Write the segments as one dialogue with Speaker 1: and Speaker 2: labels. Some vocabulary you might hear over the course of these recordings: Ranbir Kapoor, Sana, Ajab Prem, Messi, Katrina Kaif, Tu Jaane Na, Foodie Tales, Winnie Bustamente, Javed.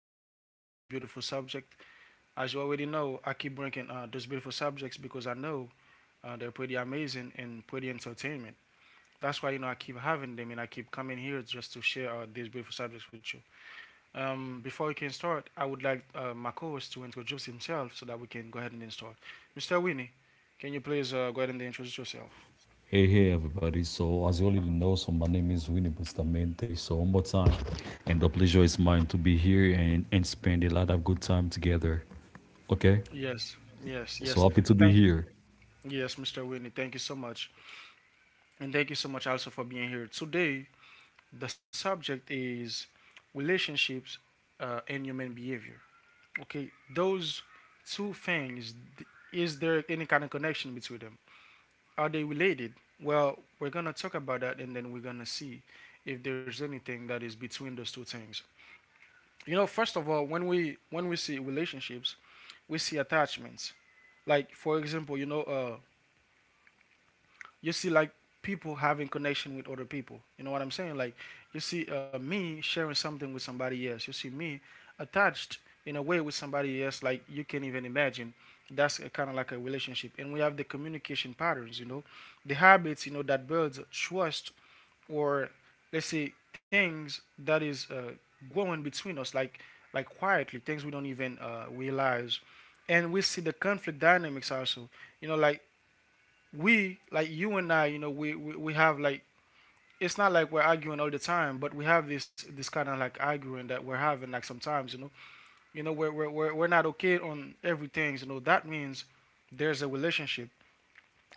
Speaker 1: again with another beautiful subject. As you already know, I keep bringing those beautiful subjects because I know they're pretty amazing and pretty entertainment. That's why you know I keep having them and I keep coming here just to share these beautiful subjects with you. Before we can start, I would like my co-host to introduce himself so that we can go ahead and then start. Mr. Winnie, can you please go ahead and introduce yourself?
Speaker 2: Hey, hey, everybody. So, as you already know, so my name is Winnie Bustamente. So, one more time, and the pleasure is mine to be here and spend a lot of good time together. Okay?
Speaker 1: Yes, yes, yes.
Speaker 2: So, happy to
Speaker 1: Thank
Speaker 2: be here.
Speaker 1: Yes, Mr. Winnie, thank you so much. And thank you so much also for being here. Today, the subject is relationships and human behavior. Okay, those two things, is there any kind of connection between them? Are they related? Well, we're going to talk about that and then we're going to see if there's anything that is between those two things. You know, first of all, when we see relationships, we see attachments. Like for example, you know, you see like people having connection with other people. You know what I'm saying? Like you see me sharing something with somebody else. You see me attached in a way with somebody else like you can not even imagine. That's a kind of like a relationship. And we have the communication patterns, you know, the habits, you know, that builds trust or let's say things that is going between us, like quietly, things we don't even realize. And we see the conflict dynamics also. You know, like we like you and I, you know, we have like it's not like we're arguing all the time, but we have this kind of like arguing that we're having like sometimes, you know, we're not okay on everything, you know. That means there's a relationship,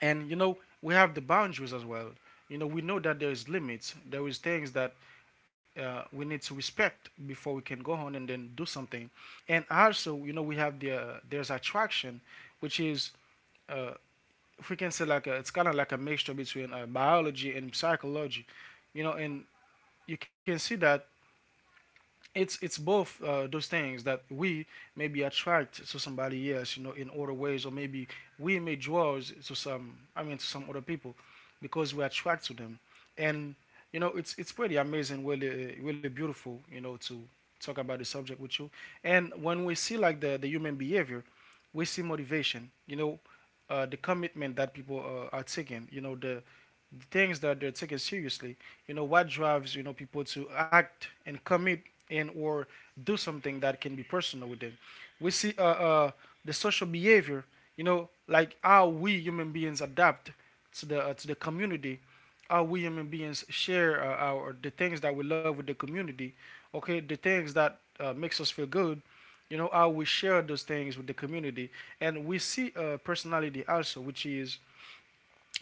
Speaker 1: and you know, we have the boundaries as well. You know, we know that there is limits, there is things that we need to respect before we can go on and then do something, and also, you know, we have there's attraction, which is uh, if we can say it's kind of like a mixture between biology and psychology, you know, and you can see that it's both those things that we maybe attract to somebody else, you know, in other ways, or maybe we may draw to some, I mean, to some other people, because we attract to them, and you know, it's pretty amazing, really, really beautiful, you know, to talk about the subject with you. And when we see like the human behavior, we see motivation, you know, the commitment that people are taking, you know, the things that they're taking seriously. You know, what drives you know people to act and commit and or do something that can be personal with them. We see the social behavior. You know, like how we human beings adapt to the community, how we human beings share our the things that we love with the community. Okay, the things that makes us feel good. You know how we share those things with the community, and we see personality also, which is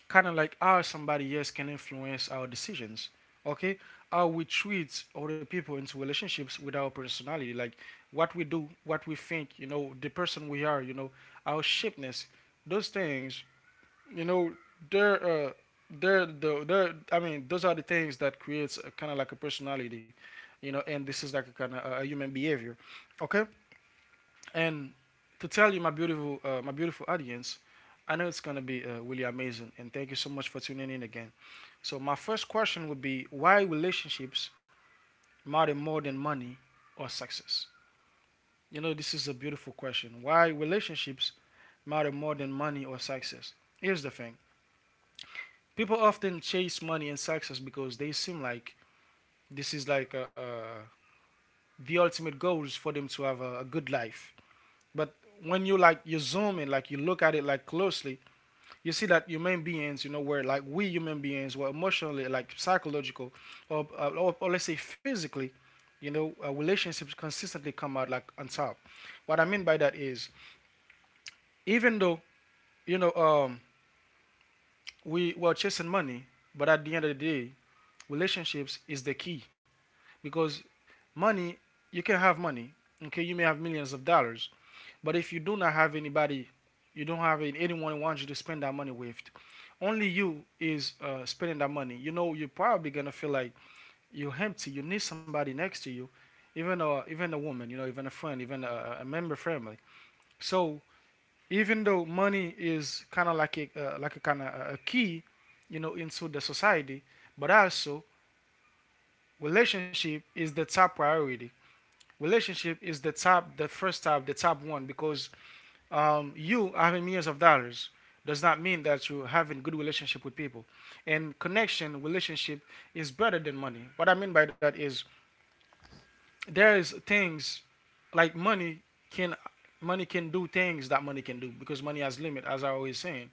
Speaker 1: kind of like how somebody else can influence our decisions. Okay, how we treat other people into relationships with our personality, like what we do, what we think, you know, the person we are, you know, our shapeness, those things, you know, they're uh, they're I mean, those are the things that creates kind of like a personality, you know, and this is like a kind of a human behavior. Okay, and to tell you, my beautiful audience, I know it's gonna be really amazing, and thank you so much for tuning in again. So my first question would be, why relationships matter more than money or success? You know, this is a beautiful question. Why relationships matter more than money or success? Here's the thing: people often chase money and success because they seem like this is like the ultimate goals for them to have a good life. But when you zoom in, like you look at it like closely, you see that human beings, you know, where like we human beings were emotionally, like psychological, or, or let's say physically, you know, relationships consistently come out like on top. What I mean by that is, even though you know we were chasing money, but at the end of the day, relationships is the key because money you can have money. Okay, you may have millions of dollars, but if you do not have anybody, you don't have anyone who wants you to spend that money with, only you is spending that money. You know, you're probably gonna feel like you're empty. You need somebody next to you, even a woman, you know, even a friend, even a member family. So even though money is kind of like a kind of a key, you know, into the society, but also relationship is the top priority. Relationship is the top, the first top, the top one because you having millions of dollars does not mean that you having good relationship with people and connection. Relationship is better than money. What I mean by that is there is things like can money can do things that money can do because money has limit as I always saying.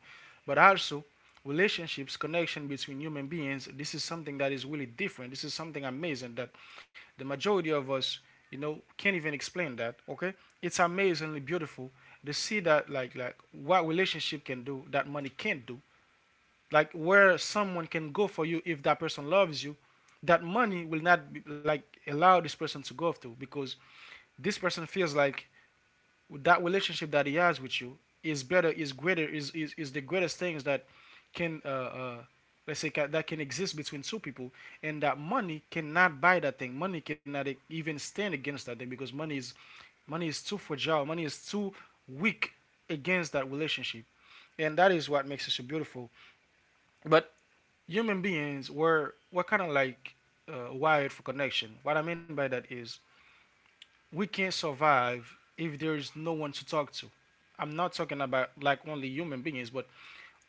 Speaker 1: But also relationships, connection between human beings, this is something that is really different. This is something amazing that the majority of us, you know, can't even explain that. Okay, it's amazingly beautiful to see that what relationship can do that money can't do. Like where someone can go for you if that person loves you, that money will not like allow this person to go to, because this person feels like that relationship that he has with you is better, is greater, is the greatest things that can uh, let's say that can exist between two people, and that money cannot buy that thing. Money cannot even stand against that thing because money is too fragile. Money is too weak against that relationship, and that is what makes it so beautiful. But human beings were kind of like wired for connection. What I mean by that is we can't survive if there is no one to talk to. I'm not talking about like only human beings, but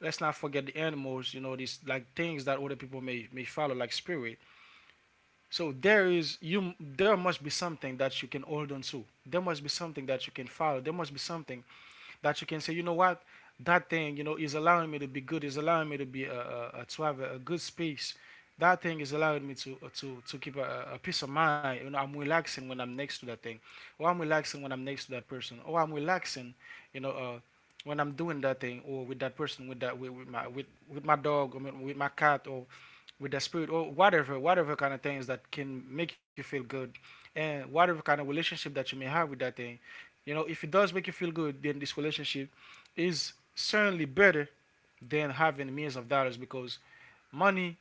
Speaker 1: let's not forget the animals. You know these like things that other people may follow, like spirit. So there is you. There must be something that you can hold on to. There must be something that you can follow. There must be something that you can say, you know what, that thing, you know, is allowing me to be good, is allowing me to be a to have a good space. That thing is allowing me to to keep a peace of mind. You know, I'm relaxing when I'm next to that thing, or I'm relaxing when I'm next to that person, or I'm relaxing, you know, when I'm doing that thing, or with that person, with with my dog, or with my cat, or with the spirit or whatever, whatever kind of things that can make you feel good, and whatever kind of relationship that you may have with that thing. You know, if it does make you feel good, then this relationship is certainly better than having millions of dollars because money,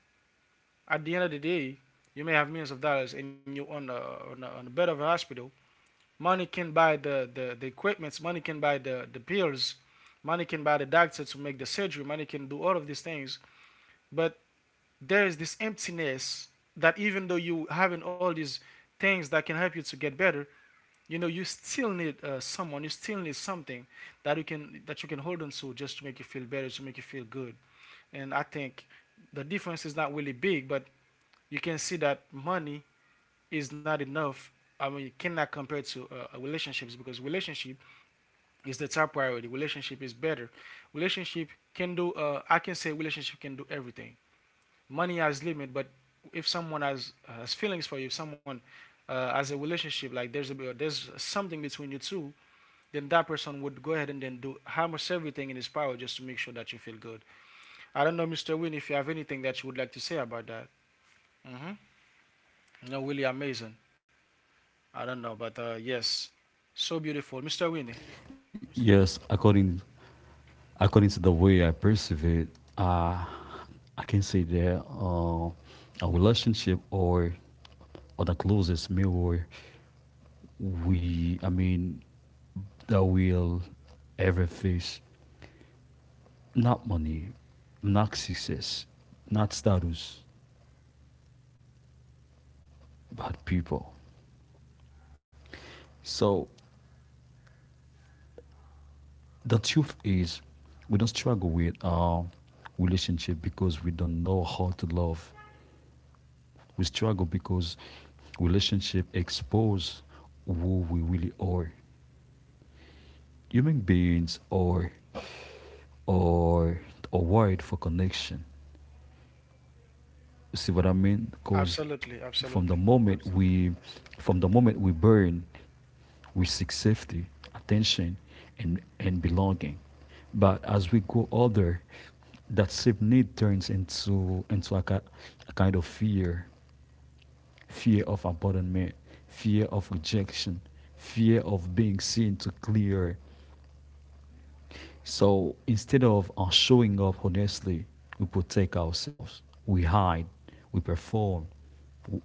Speaker 1: at the end of the day, you may have millions of dollars and you're on on the bed of a hospital. Money can buy the equipments, money can buy the pills, money can buy the doctor to make the surgery, money can do all of these things. But there is this emptiness that even though you having all these things that can help you to get better, you know you still need someone. You still need something that you can hold on to just to make you feel better, to make you feel good. And I think the difference is not really big, but you can see that money is not enough. I mean, you cannot compare to relationships because relationship is the top priority. Relationship is better. Relationship can do. I can say relationship can do everything. Money has limit, but if someone has feelings for you, if someone has a relationship, like there's a there's something between you two, then that person would go ahead and then do almost everything in his power just to make sure that you feel good. I don't know, Mr. Win, if you have anything that you would like to say about that. Mm-hmm. No, really amazing. I don't know, but yes, so beautiful, Mr. Winnie.
Speaker 2: Yes, according to the way I perceive it, uh, I can say that a relationship or the closest mirror we, I mean, that we'll ever face, not money, not success, not status, but people. So the truth is, we don't struggle with our relationship because we don't know how to love. We struggle because relationship expose who we really are. Human beings are a word for connection. You see what I mean? Because
Speaker 1: Absolutely,
Speaker 2: from the
Speaker 1: absolutely.
Speaker 2: moment we, from the moment we burn, we seek safety, attention, and belonging. But as we grow older, that same need turns into a, a kind of fear, fear of abandonment, fear of rejection, fear of being seen to clear. So instead of showing up honestly, we protect ourselves, we hide, we perform,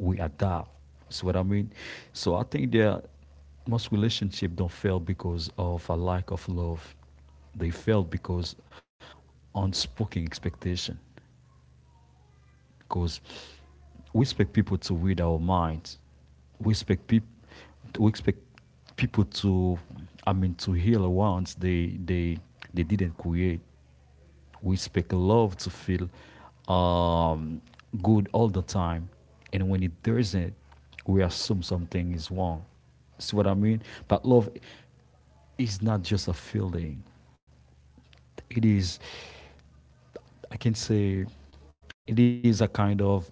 Speaker 2: we adapt. See what I mean? So I think that most relationships don't fail because of a lack of love. They fail because unspoken expectation. Because we expect people to read our minds. We expect people. We expect people to heal wounds they didn't create. We speak love to feel um, good all the time. And when it doesn't, we assume something is wrong. See what I mean? But love is not just a feeling, it is, I can say, it is a kind of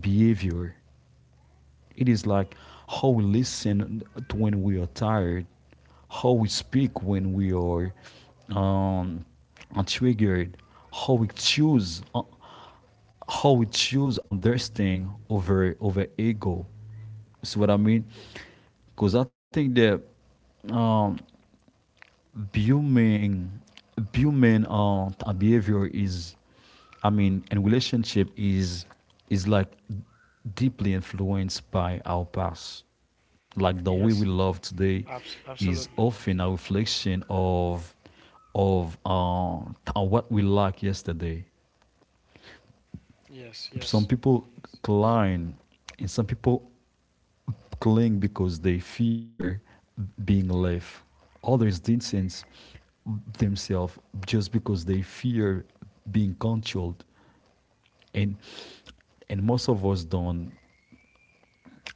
Speaker 2: behavior. It is like how we listen to when we are tired, how we speak when we are um, triggered, how we choose, uh, how we choose understanding over over ego. See what I mean? Because I think that human human behavior is, I mean, and relationship is like deeply influenced by our past. Like the
Speaker 1: Yes,
Speaker 2: way we love today is
Speaker 1: Absolutely.
Speaker 2: often a reflection of of what we lacked yesterday.
Speaker 1: Yes,
Speaker 2: Some
Speaker 1: yes,
Speaker 2: people climb, and some people cling because they fear being left. Others distance themselves just because they fear being controlled, and and most of us don't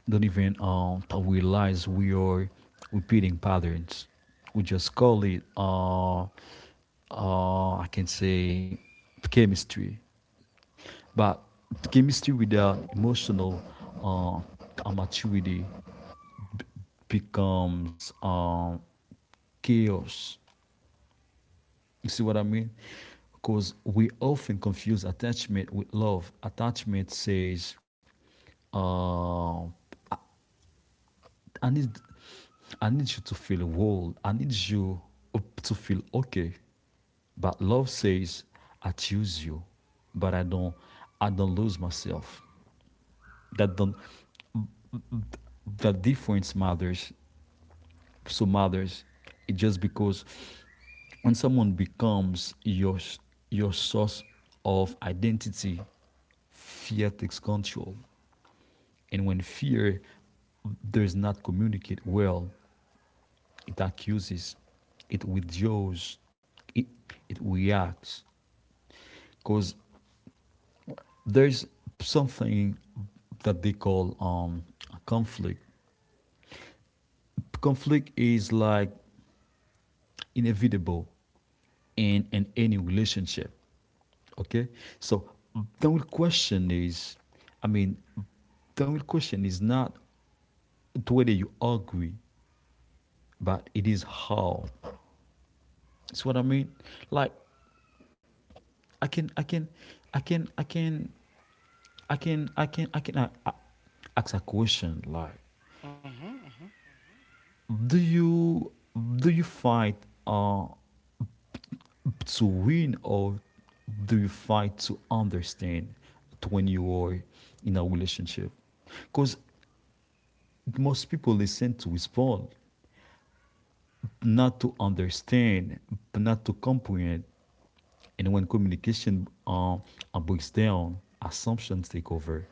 Speaker 2: don't even realize we are repeating patterns. We just call it I can say chemistry, but chemistry without emotional maturity becomes chaos. You see what I mean? Because we often confuse attachment with love. Attachment says, uh, "I need, I need you to feel whole. I need you to feel okay." But love says, "I choose you, but I don't lose myself." That don't, That difference matters. Some others it just because when someone becomes your source of identity, fear takes control, and when fear does not communicate well, it accuses, it withdraws, it, it reacts. Because there's something that they call a conflict. Conflict is like inevitable in any relationship. Okay? So the only question is, I mean, the only question is not whether you agree, but it is how. That's what I mean. Like I can, I can, I can, I can, I can, I can, I can ask a question like,
Speaker 1: mm-hmm, mm-hmm.
Speaker 2: do you do you find uh to win or do you fight to understand when you are in a relationship? Because most people listen to respond, not to understand, but not to comprehend. And when communication breaks down, assumptions take over.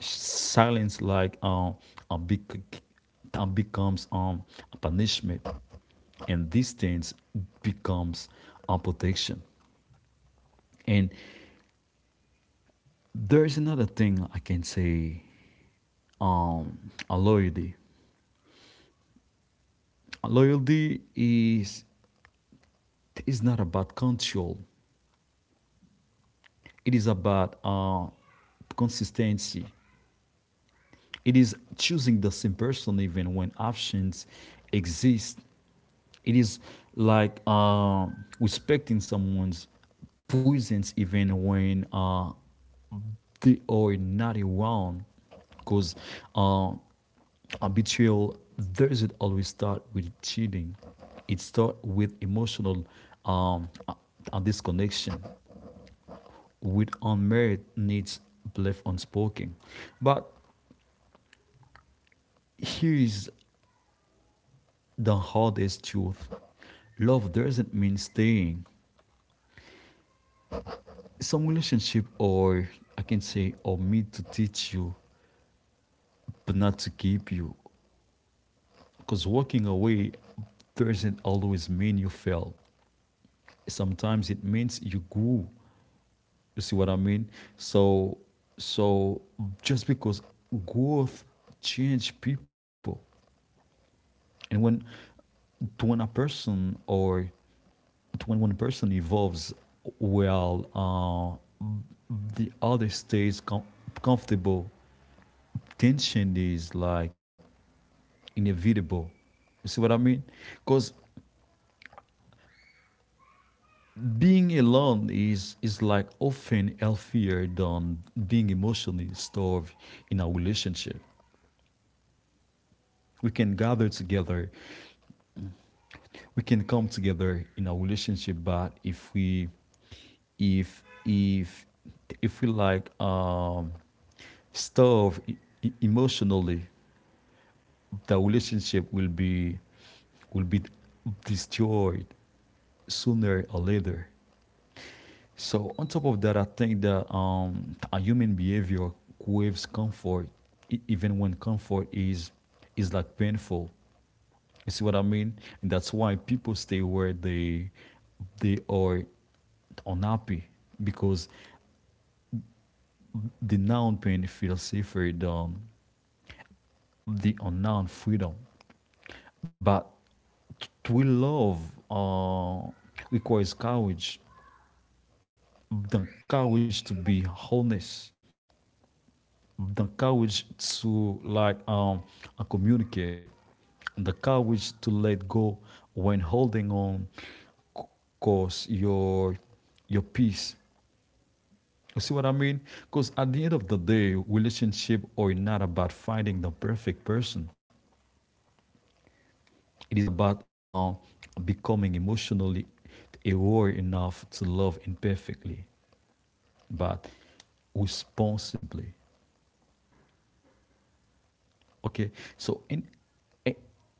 Speaker 2: Silence, like a big, becomes a punishment, and distance becomes a protection. And there's another thing I can say. A loyalty. A loyalty is not about control. It is about consistency. It is choosing the same person even when options exist. It is like respecting someone's presence even when the or 91. Because uh, a betrayal doesn't always start with cheating. It starts with emotional um, uh, disconnection, with unmarried needs left unspoken. But here is the hardest truth: love doesn't mean staying. Some relationship or, I can say, or meant to teach you but not to keep you. Because walking away doesn't always mean you fail. Sometimes it means you grew. You see what I mean? So, so just because growth change people, and when a person or when one person evolves, well, the other stays comfortable. Tension is like inevitable. You see what I mean? Because being alone is like often healthier than being emotionally starved in our relationship. We can gather together, we can come together in our relationship, but if if if we like starve emotionally, the relationship will be destroyed sooner or later. So on top of that, I think that a human behavior craves comfort, even when comfort is like painful. You see what I mean? And that's why people stay where they are unhappy because the noun pain feels safer than the unknown freedom. But to love uh, requires courage, the courage to be honest, the courage to like communicate, the courage to let go when holding on cause your peace. You see what I mean? Because at the end of the day, relationship are not about finding the perfect person. It is about becoming emotionally aware enough to love imperfectly but responsibly. Okay, so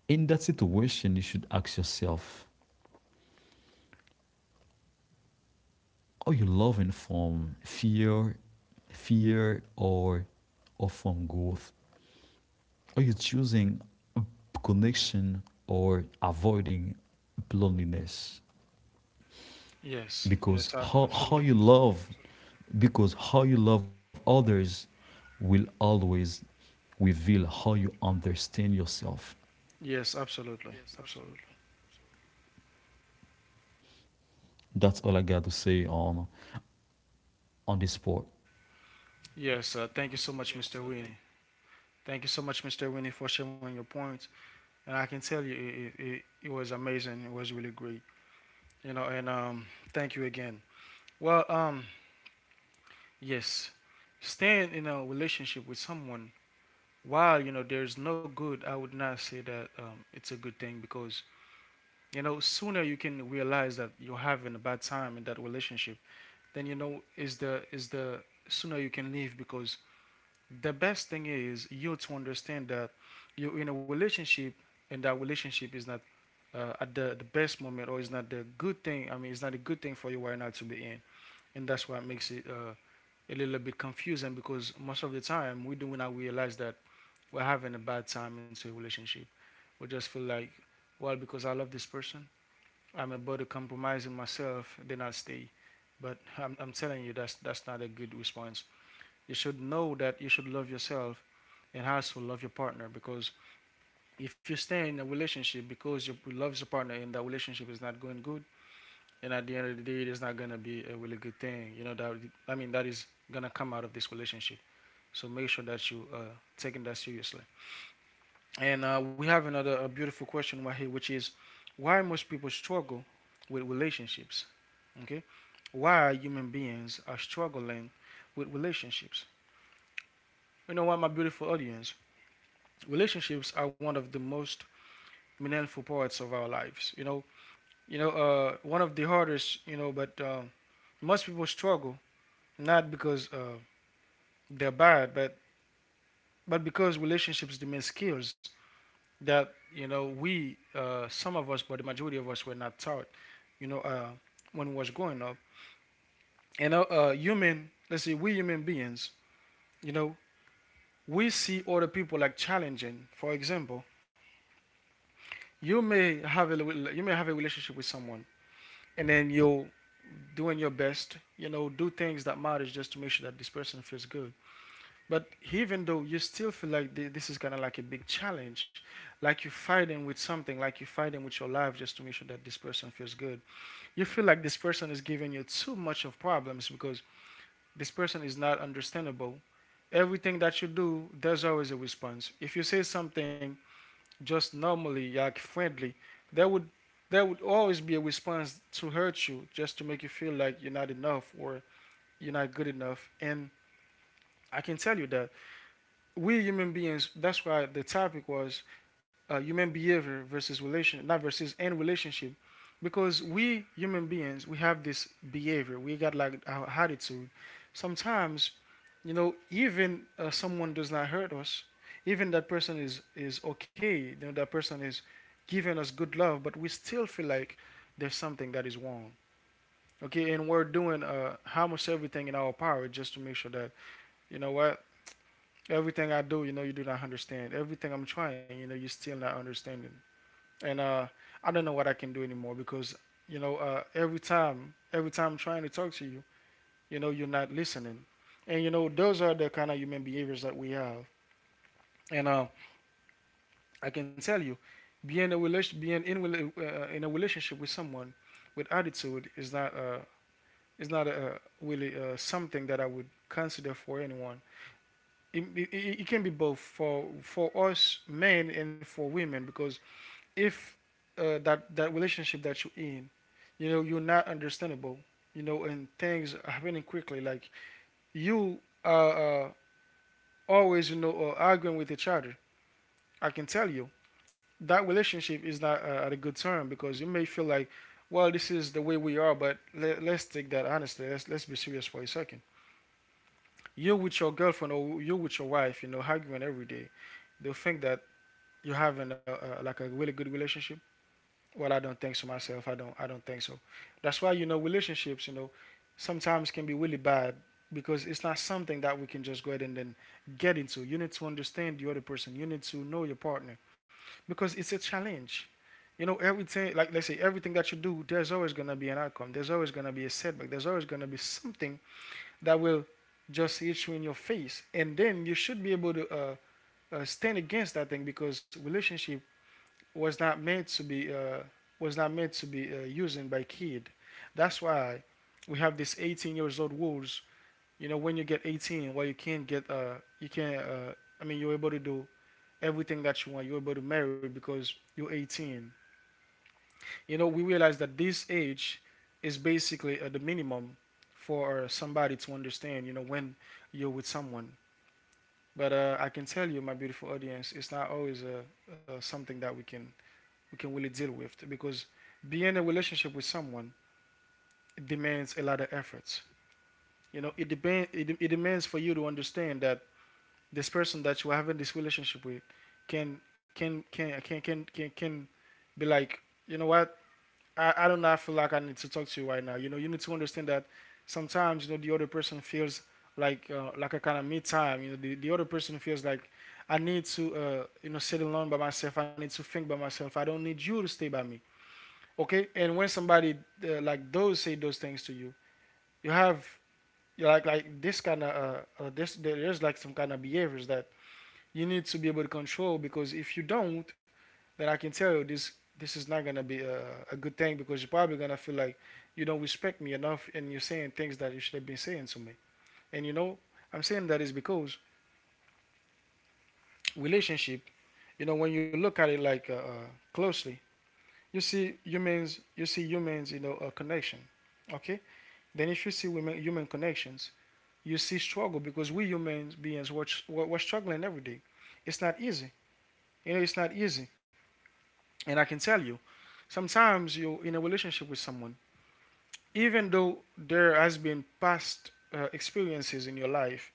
Speaker 2: in that situation, you should ask yourself: Are you loving from fear, fear, or or from growth? Are you choosing connection or avoiding loneliness?
Speaker 1: Yes,
Speaker 2: Because
Speaker 1: yes, absolutely.
Speaker 2: because how you love others, will always reveal how you understand yourself.
Speaker 1: Yes, absolutely, absolutely.
Speaker 2: That's all I got to say on this part.
Speaker 1: Yes, thank you so much, Mr. Winnie. Thank you so much, Mr. Winnie, for sharing your points. And I can tell you, it was amazing. It was really great. You know, and thank you again. Well, yes, staying in a relationship with someone while you know there's no good, I would not say that it's a good thing because you know sooner you can realize that you're having a bad time in that relationship, then you know is the sooner you can leave because the best thing is you to understand that you're in a relationship and that relationship is not at the best moment or is not the good thing. I mean, it's not a good thing for you right now to be in. And that's what makes it a little bit confusing because most of the time we do not realize that we're having a bad time into a relationship. We just feel like, well, because I love this person, I'm about to compromise in myself, then I'll stay. But I'm telling you, that's not a good response. You should know that you should love yourself and also love your partner, because if you stay in a relationship because you love your partner and that relationship is not going good, and at the end of the day it is not going to be a really good thing, you know that, I mean, that is going to come out of this relationship. So make sure that you are taking that seriously. And we have another a beautiful question right here, which is, why most people struggle with relationships? Okay, why human beings are struggling with relationships? You know what, my beautiful audience, relationships are one of the most meaningful parts of our lives. You know, one of the hardest. You know, but most people struggle not because they're bad, but because relationships demand skills that, you know, we, some of us, but the majority of us, were not taught. You know, when we was growing up, and human, let's say we human beings, you know, we see other people like challenging. For example, you may have a you may have a relationship with someone, and then you'll doing your best, you know, do things that matters just to make sure that this person feels good. But even though, you still feel like this is kind of like a big challenge, like you're fighting with something, like you're fighting with your life just to make sure that this person feels good. You feel like this person is giving you too much of problems because this person is not understandable. Everything that you do, there's always a response. If you say something just normally, like friendly, there would there would always be a response to hurt you, just to make you feel like you're not enough or you're not good enough. And I can tell you that we human beings, that's why the topic was human behavior versus relation, not versus and relationship, because we human beings, we have this behavior. We got like our attitude. Sometimes, you know, even someone does not hurt us, even that person is okay. You know, that person is giving us good love, but we still feel like there's something that is wrong. Okay, and we're doing almost everything in our power just to make sure that, you know what, everything I do, you know, you do not understand. Everything I'm trying, you know, you're still not understanding. And I don't know what I can do anymore, because you know every time I'm trying to talk to you, you know you're not listening. And you know, those are the kind of human behaviors that we have. And I can tell you, being in a relationship with someone with attitude is not really something that I would consider for anyone. It, it, it can be both for us men and for women, because if that relationship that you're in, you know, you're not understandable, you know, and things are happening quickly. Like you are always, you know, arguing with each other. I can tell you that relationship is not at a good term, because you may feel like, well, this is the way we are, but let's take that honestly. Let's be serious for a second. You with your girlfriend or you with your wife, you know, arguing every day. They'll think that you're having like a really good relationship. Well, I don't think so myself. I don't. I don't think so. That's why, you know, relationships, you know, sometimes can be really bad, because it's not something that we can just go ahead and then get into. You need to understand the other person. You need to know your partner, because it's a challenge. You know, everything. Like, let's say everything that you do, there's always gonna be an outcome. There's always gonna be a setback. There's always gonna be something that will just hit you in your face, and then you should be able to stand against that thing, because relationship was not meant to be was not meant to be used by kid. That's why we have this 18 years old rules. You know, when you get 18, well, you can't. I mean, you're able to do everything that you want. You're able to marry because you're 18. You know, we realize that this age is basically the minimum for somebody to understand. You know, when you're with someone. But I can tell you, my beautiful audience, it's not always something that we can really deal with, because being in a relationship with someone, it demands a lot of efforts. You know, it demands for you to understand that this person that you are having this relationship with can be like, you know what, I don't know, I feel like I need to talk to you right now. You know, you need to understand that sometimes, you know, the other person feels like a kind of me time. You know, the other person feels like I need to you know sit alone by myself. I need to think by myself. I don't need you to stay by me. Okay, and when somebody like those say those things to you, you have you like this kind of this there's like some kind of behaviors that you need to be able to control, because if you don't, then I can tell you this, this is not gonna be a good thing, because you're probably gonna feel like you don't respect me enough and you're saying things that you should have been saying to me. And you know, I'm saying that is because relationship, you know, when you look at it like closely, you see humans, you know, a connection. Okay. Then if you see women, human connections, you see struggle, because we human beings, struggling every day. It's not easy. You know, it's not easy. And I can tell you, sometimes you're in a relationship with someone, even though there has been past experiences in your life,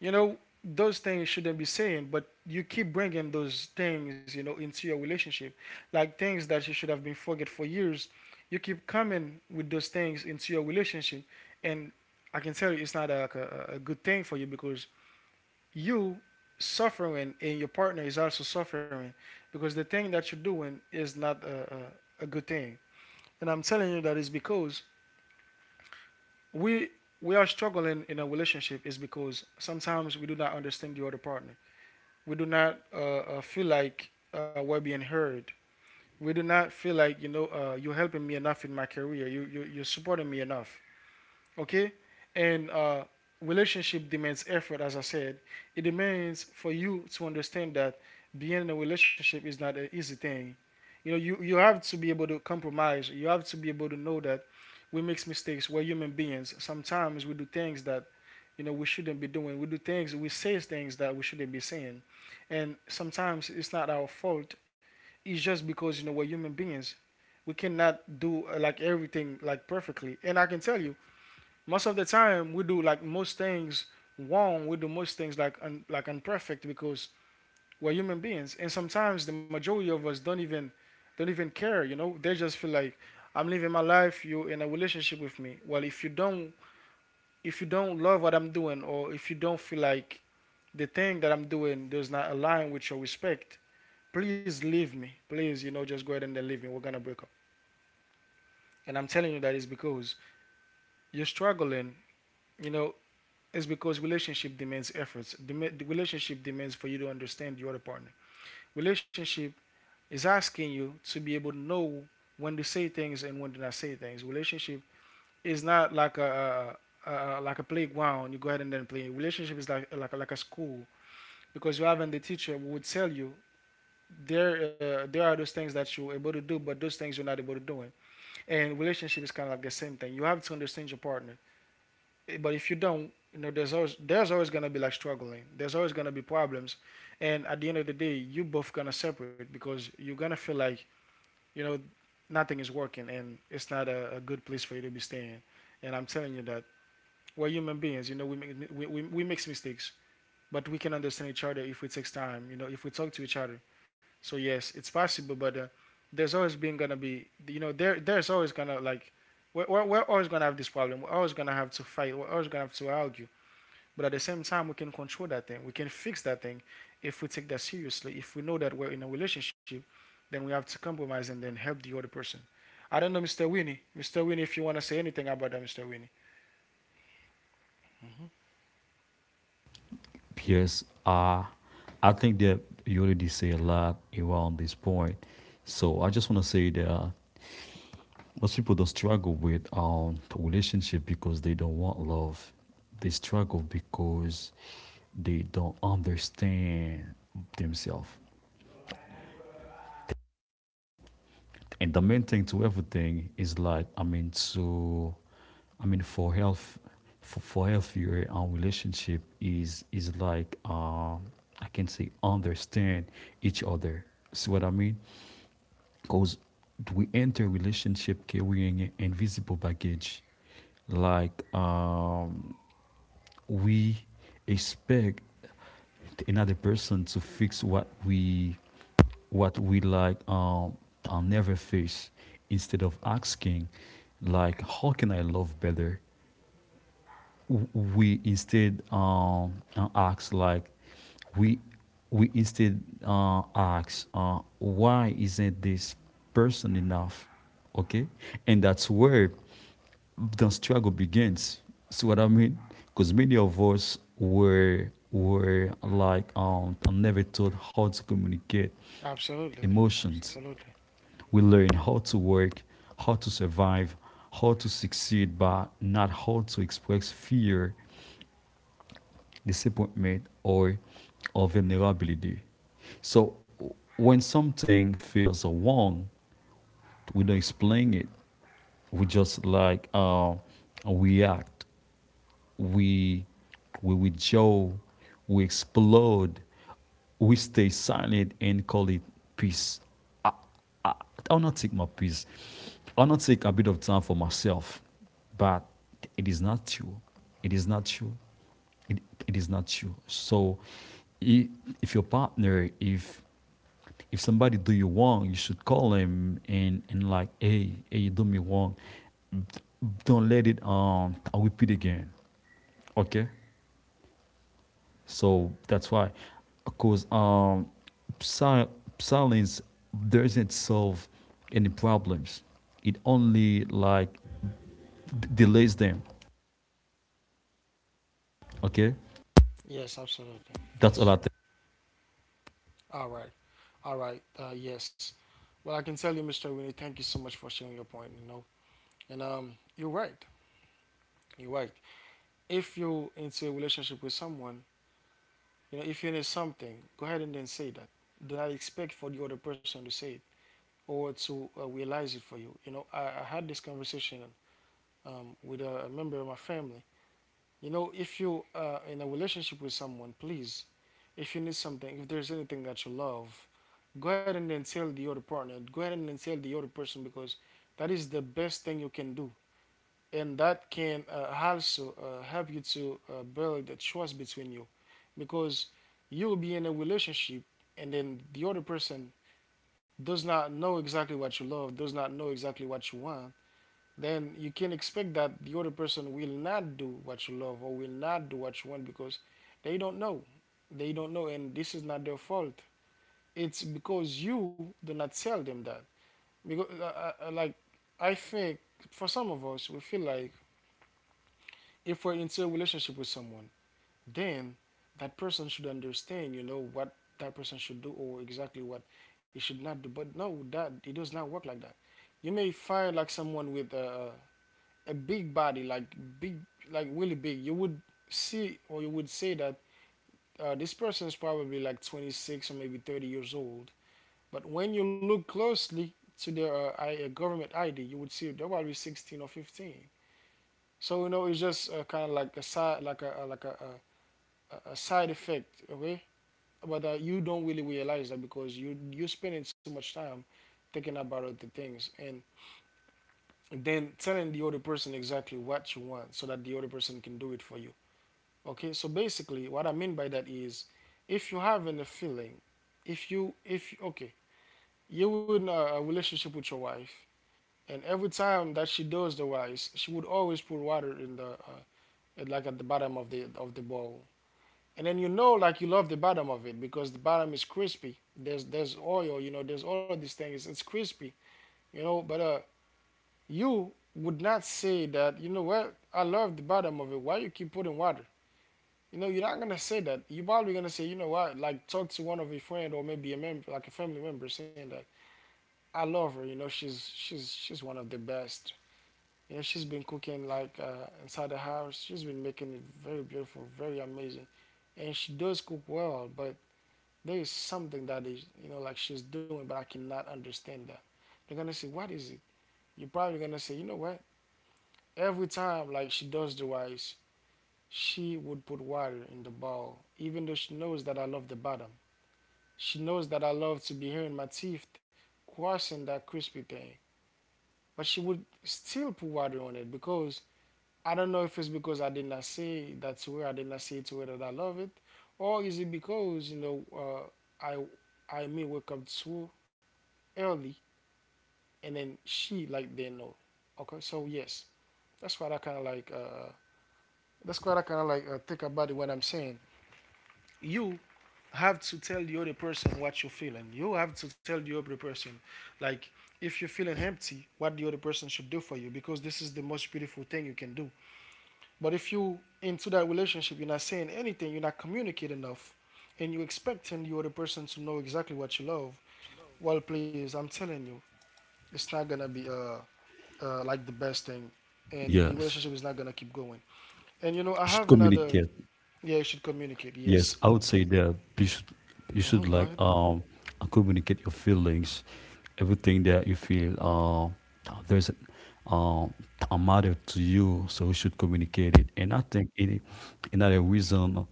Speaker 1: you know, those things shouldn't be saying, but you keep bringing those things, you know, into your relationship, like things that you should have been forget for years, you keep coming with those things into your relationship. And I can tell you, it's not like a good thing for you, because you suffering and your partner is also suffering, because the thing that you're doing is not a good thing. And I'm telling you that is because we we are struggling in a relationship is because sometimes we do not understand the other partner. We do not feel like we're being heard. We do not feel like you know you're helping me enough in my career. You're supporting me enough. Okay. and relationship demands effort, as I said. It demands for you to understand that being in a relationship is not an easy thing. You know, you have to be able to compromise. You have to be able to know that we make mistakes. We're human beings. Sometimes we do things that, you know, we shouldn't be doing. We do things, we say things that we shouldn't be saying, and sometimes it's not our fault. It's just because, you know, we're human beings. We cannot do like everything like perfectly, and I can tell you most of the time we do like most things wrong. We do most things like like imperfect, because we're human beings, and sometimes the majority of us don't even care. You know, they just feel like I'm living my life. You're in a relationship with me. Well, if you don't love what I'm doing, or if you don't feel like the thing that I'm doing does not align with your respect, please leave me. Please, you know, just go ahead and then leave me. We're gonna break up. And I'm telling you that is because you're struggling. You know, is because relationship demands efforts. The relationship demands for you to understand your other partner. Relationship is asking you to be able to know when to say things and when to not say things. Relationship is not like a like a playground. You go ahead and then play. Relationship is like like a school, because you having the teacher who would tell you there there are those things that you're able to do, but those things you're not able to do. And relationship is kind of like the same thing. You have to understand your partner. But if you don't, you know, there's always gonna be like struggling. There's always gonna be problems, and at the end of the day, you both gonna separate because you're gonna feel like, you know, nothing is working, and it's not a good place for you to be staying. And I'm telling you that we're human beings. You know, we make we makes mistakes, but we can understand each other if we take time. You know, if we talk to each other. So yes, it's possible, but there's always been gonna be you know there's always gonna like we're always gonna have this problem. We're always gonna have to fight. We're always gonna have to argue, but at the same time, we can control that thing. We can fix that thing if we take that seriously. If we know that we're in a relationship, then we have to compromise and then help the other person. I don't know, Mr. Winnie. Mr. Winnie, if you want to say anything about that, Mr. Winnie.
Speaker 2: Yes, I think that you already say a lot around this point. So I just want to say that most people don't struggle with relationship because they don't want love. They struggle because they don't understand themselves. And the main thing to everything is like, I mean, so I mean for health, for healthier relationship is like, I can say, understand each other. See what I mean? Because we enter relationship carrying an invisible baggage, like we expect another person to fix what we what we like um I'll never face, instead of asking like how can I love better. We instead ask like we we instead ask why isn't this person enough? Okay, and that's where the struggle begins. See what I mean? Because many of us were like never taught how to communicate
Speaker 1: Absolutely.
Speaker 2: emotions.
Speaker 1: Absolutely.
Speaker 2: We learn how to work, how to survive, how to succeed, but not how to express fear, disappointment, or vulnerability. So when something feels wrong, we don't explain it. We just like react. we we withdraw, we explode, we stay silent and call it peace. I, I'll not take my peace. I'll not take a bit of time for myself. But it true its not true. It is not you. It, it is not true. So i- if your partner, if somebody do you wrong, you should call him and like, hey, hey, you do me wrong. Don't let it I will repeat again. Okay. So that's why, because sil- silence doesn't solve any problems. It only like delays them. Okay,
Speaker 1: Yes, absolutely.
Speaker 2: that's all I
Speaker 1: Yes.
Speaker 2: think.
Speaker 1: All right. All right. Yes. Well, I can tell you, Mr. Winnie, thank you so much for sharing your point, you know. And You're right. You're right. If you're into a relationship with someone, you know, if you need something, go ahead and then say that. Do not expect for the other person to say it or to realize it for you. You know, I had this conversation with a, member of my family. You know, if you in a relationship with someone, please, if you need something, if there's anything that you love, go ahead and then tell the other partner. Go ahead and then tell the other person, because that is the best thing you can do, and that can also help you to build the trust between you, because you'll be in a relationship and then the other person does not know exactly what you love, does not know exactly what you want. Then you can expect that the other person will not do what you love or will not do what you want, because they don't know. They don't know, and this is not their fault. It's because you do not tell them that. Because like I think for some of us, we feel like if we're into a relationship with someone, then that person should understand, you know, what that person should do or exactly what he should not do. But no, that it does not work like that. You may find like someone with a big body, like big, like really big. You would see or you would say that this person is probably like 26 or maybe 30 years old. But when you look closely to their government ID, you would see they're probably 16 or 15. So you know, it's just kind of like a side effect, okay? But you don't really realize that, because you're spending so much time thinking about other things and then telling the other person exactly what you want, so that the other person can do it for you. Okay, so basically what I mean by that is, if you're having a feeling, if okay, you're in a, relationship with your wife, and every time that she does the rice, she would always put water in the like at the bottom of the bowl. And then, you know, like you love the bottom of it, because the bottom is crispy. There's oil, you know, there's all of these things. It's crispy, you know, but you would not say that, you know what, I love the bottom of it, why you keep putting water. You know, you're not gonna say that. You're probably gonna say, you know what, like talk to one of your friend, or maybe a member, like a family member, saying that I love her. You know, she's she's one of the best. You know, she's been cooking like inside the house. She's been making it very beautiful, very amazing, and she does cook well, but there is something that is, you know, like she's doing, but I cannot understand that. They're gonna say, what is it? You're probably gonna say, you know what, every time, like she does the rice, she would put water in the bowl, even though she knows that I love the bottom. She knows that I love to be hearing my teeth crossing that crispy thing, but she would still put water on it, because I don't know if it's because I did not say that to her, I did not say to her that I love it, or is it because, you know, uh, I may wake up too early and then she like didn't know. Okay, so yes, that's what I kind of like. That's what I kind of like think about it when I'm saying you have to tell the other person what you're feeling. You have to tell the other person, like, if you're feeling empty, what the other person should do for you, because this is the most beautiful thing you can do. But if you into that relationship, you're not saying anything, you're not communicating enough, and you're expecting the other person to know exactly what you love. Well, please, I'm telling you, it's not gonna be like the best thing, and the
Speaker 2: Yes.
Speaker 1: relationship is not gonna keep going. And you know, I
Speaker 2: Should
Speaker 1: have another.
Speaker 2: communicate.
Speaker 1: Yeah, you should communicate.
Speaker 2: Yes,
Speaker 1: Yes.
Speaker 2: I would say that you
Speaker 1: Hmm.
Speaker 2: should
Speaker 1: Go
Speaker 2: like
Speaker 1: ahead.
Speaker 2: communicate your feelings, everything that you feel there's a matter to you, so you should communicate it. And I think it another reason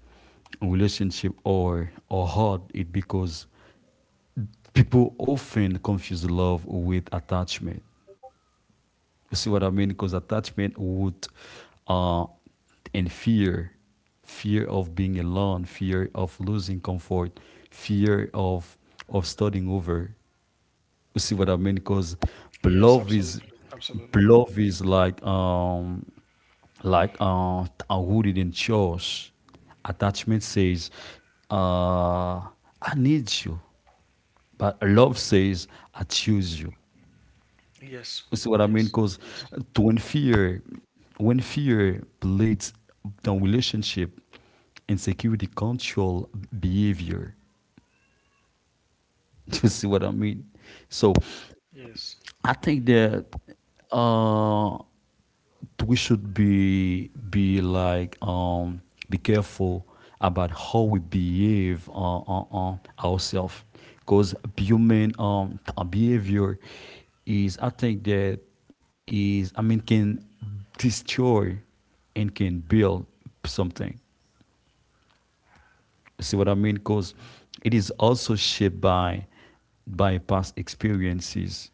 Speaker 2: relationship or hard it because people often confuse love with attachment. You see what I mean? Because attachment would, uh, and fear, fear of being alone, fear of losing comfort, fear of starting over. You see what I mean? Because
Speaker 1: Yes,
Speaker 2: love
Speaker 1: absolutely,
Speaker 2: is
Speaker 1: absolutely.
Speaker 2: love is like a wooded in church. Attachment says, uh, I need you, but love says, I choose you.
Speaker 1: Yes,
Speaker 2: You see what I mean?
Speaker 1: yes,
Speaker 2: Because
Speaker 1: yes,
Speaker 2: when fear, when fear bleeds the relationship, insecurity control behavior. You see what I mean? So,
Speaker 1: yes.
Speaker 2: I think that uh, we should be like, be careful about how we behave on ourselves, because human behavior is, I think that is, I mean, can destroy and can build something. See what I mean? Because it is also shaped by past experiences.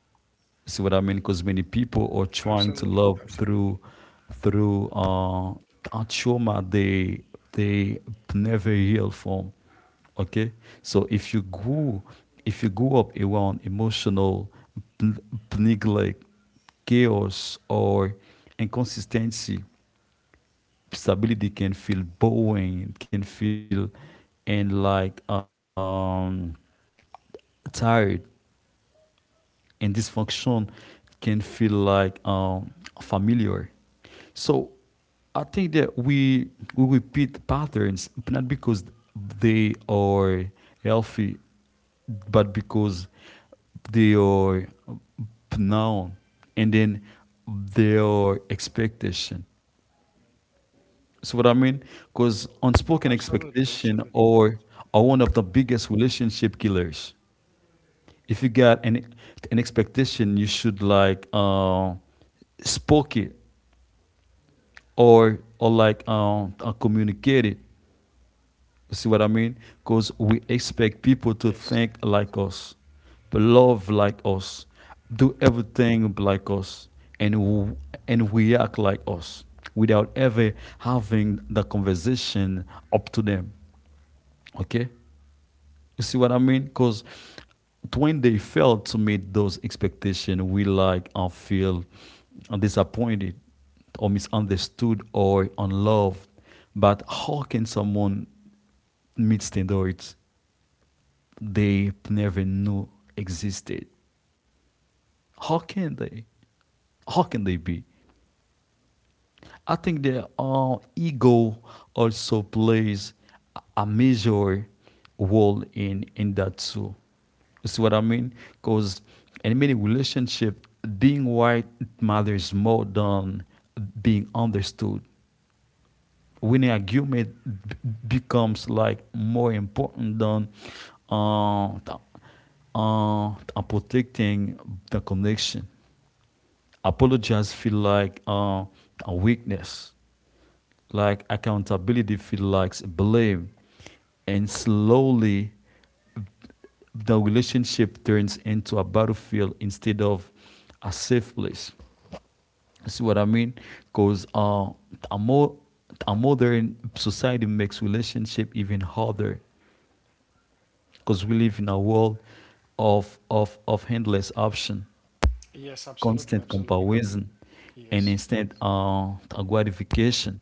Speaker 2: See what I mean? Because many people are trying to
Speaker 1: Absolutely,
Speaker 2: love
Speaker 1: absolutely,
Speaker 2: through through uh, a trauma they never heal from. Okay, so if you grew up around emotional p- neglect, chaos, or inconsistency, disability can feel boring, can feel and like tired, and dysfunction can feel like familiar. So I think that we repeat patterns, but not because they are healthy, but because they are known, and then their expectation. See what I mean? Because unspoken
Speaker 1: absolutely,
Speaker 2: expectation
Speaker 1: absolutely.
Speaker 2: or are one of the biggest relationship killers. If you got an expectation, you should like spoke it or like communicate it. You see what I mean? Because we expect people to
Speaker 1: Yes,
Speaker 2: think like us, love like us, do everything like us, and w- and react like us without ever having the conversation up to them. Okay, you see what I mean? Because when they fail to meet those expectations, we like and feel disappointed or misunderstood or unloved. But how can someone meet standards they never knew existed? How can they? How can they be? I think the ego also plays a major role in that too. You see what I mean? Because in many relationships, being right matters more than being understood. When Winning argument b- becomes like more important than uh, th- protecting the connection. Apologize feel like a weakness, like accountability feel like blame, and slowly the relationship turns into a battlefield instead of a safe place. You see what I mean? Because a more a modern society makes relationship even harder because we live in a world of endless option,
Speaker 1: yes, absolutely,
Speaker 2: constant
Speaker 1: absolutely.
Speaker 2: comparison, and
Speaker 1: Yes,
Speaker 2: instant gratification.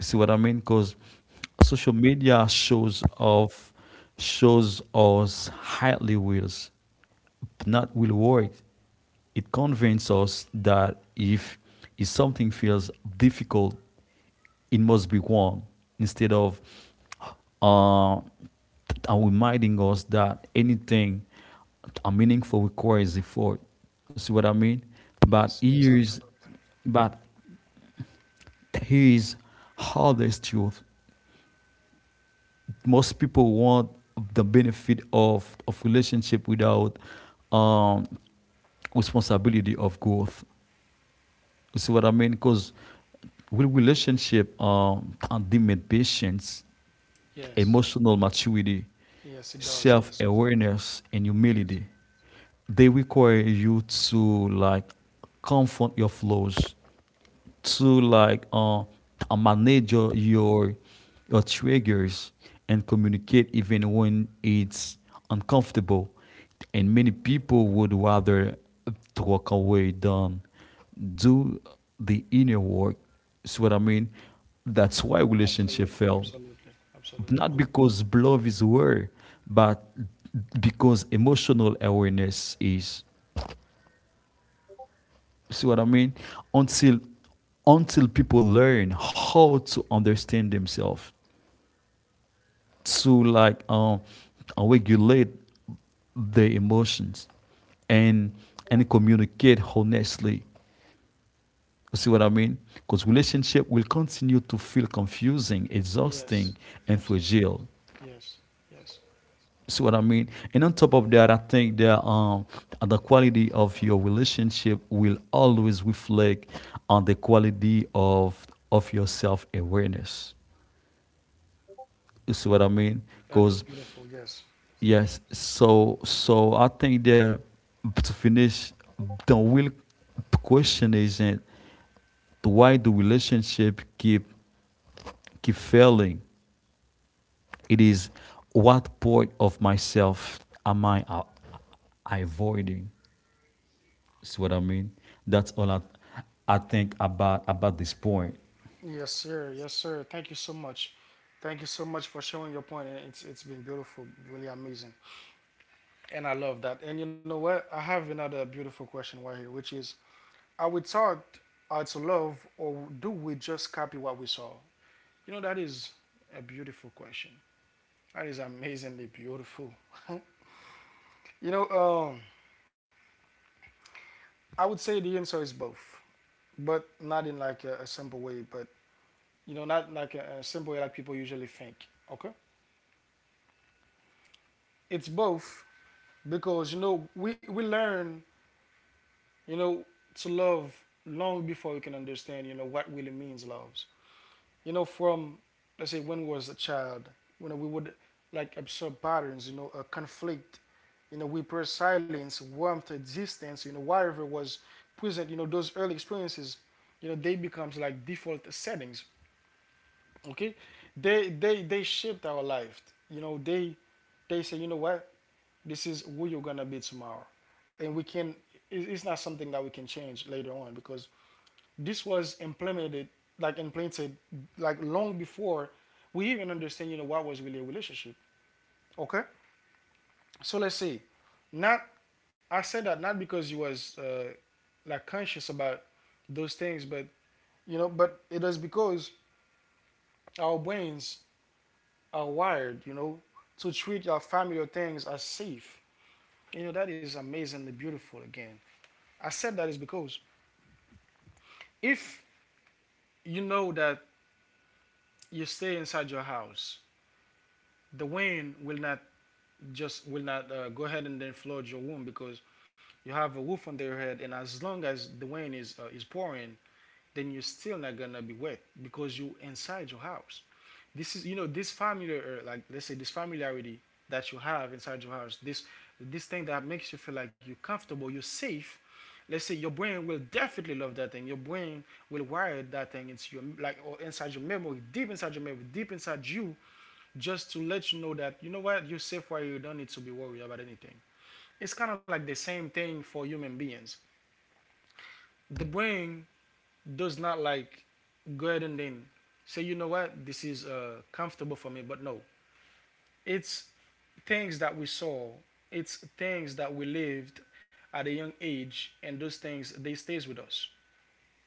Speaker 2: See what I mean? Because social media shows off, shows us highly wills, but not will work. It convinces us that if something feels difficult, it must be wrong. Instead of uh, reminding us that anything a meaningful requires effort. See what I mean? But
Speaker 1: yes, yes,
Speaker 2: here's,
Speaker 1: absolutely.
Speaker 2: but here's how there's truth. Most people want the benefit of relationship without um, responsibility of growth. You see what I mean? Because with relationship and demand patience,
Speaker 1: Yes,
Speaker 2: emotional maturity,
Speaker 1: yes, it does.
Speaker 2: self
Speaker 1: Yes,
Speaker 2: awareness, and
Speaker 1: yes,
Speaker 2: humility. They require you to like confront your flaws, to manage your triggers, and communicate even when it's uncomfortable. And many people would rather walk away than do the inner work. See what I mean? That's why relationship
Speaker 1: absolutely,
Speaker 2: fail.
Speaker 1: absolutely, absolutely.
Speaker 2: Not because love is where, but because emotional awareness is. See what I mean? Until until people learn how to understand themselves, to regulate their emotions, and and communicate honestly. You see what I mean? Because relationship will continue to feel confusing,
Speaker 1: Yes,
Speaker 2: exhausting, and
Speaker 1: absolutely.
Speaker 2: fragile.
Speaker 1: Yes, yes.
Speaker 2: See what I mean? And on top of that, I think that the quality of your relationship will always reflect on the quality of your self awareness. You see what I mean?
Speaker 1: That is
Speaker 2: Because
Speaker 1: beautiful. Yes.
Speaker 2: yes, so I think that to finish, the real question isn't why do relationship keep failing. It is what part of myself am I avoiding? See what I mean? That's all I, I think about this point.
Speaker 1: Yes, sir. Yes, sir. Thank you so much. Thank you so much for showing your point. And it's been beautiful, really amazing, and I love that. And you know what? I have another beautiful question right here, which is: are we taught how to love, or do we just copy what we saw? You know, that is a beautiful question. That is amazingly beautiful. You know, I would say the answer is both, but not in like a simple way, but you know, not like a simple way like people usually think. Okay, it's both, because you know we learn, you know, to love long before we can understand, you know, what really means loves. You know, from let's say when we was a child, when we would like absorb patterns, you know, a conflict, you know, we prefer silence, warmth, distance, you know, whatever was present. You know, those early experiences, you know, they becomes like default settings. Okay, they shaped our life. You know, they say, you know what, this is who you're gonna be tomorrow, and we can. It's not something that we can change later on, because this was implemented, like implanted, like long before we even understand. You know what was really a relationship. Okay, so let's see. Not I said that not because you was like conscious about those things, but it is because our brains are wired, to treat our familiar things as safe. That is amazingly beautiful again. I said that is because if you know that you stay inside your house, the wind will not go ahead and then flood your room because you have a roof under your head, and as long as the wind is pouring, then you're still not gonna be wet because you are inside your house. This is this familiar, like let's say this familiarity that you have inside your house. This thing that makes you feel like you're comfortable, you're safe. Let's say your brain will definitely love that thing. Your brain will wire that thing into your, like, or inside your memory, deep inside your memory, deep inside you, just to let you know that you know what, you're safe, where you don't need to be worried about anything. It's kind of like the same thing for human beings. The brain does not, like, go ahead and then say, you know what, this is comfortable for me, but no, it's things that we saw, it's things that we lived at a young age, and those things, they stays with us.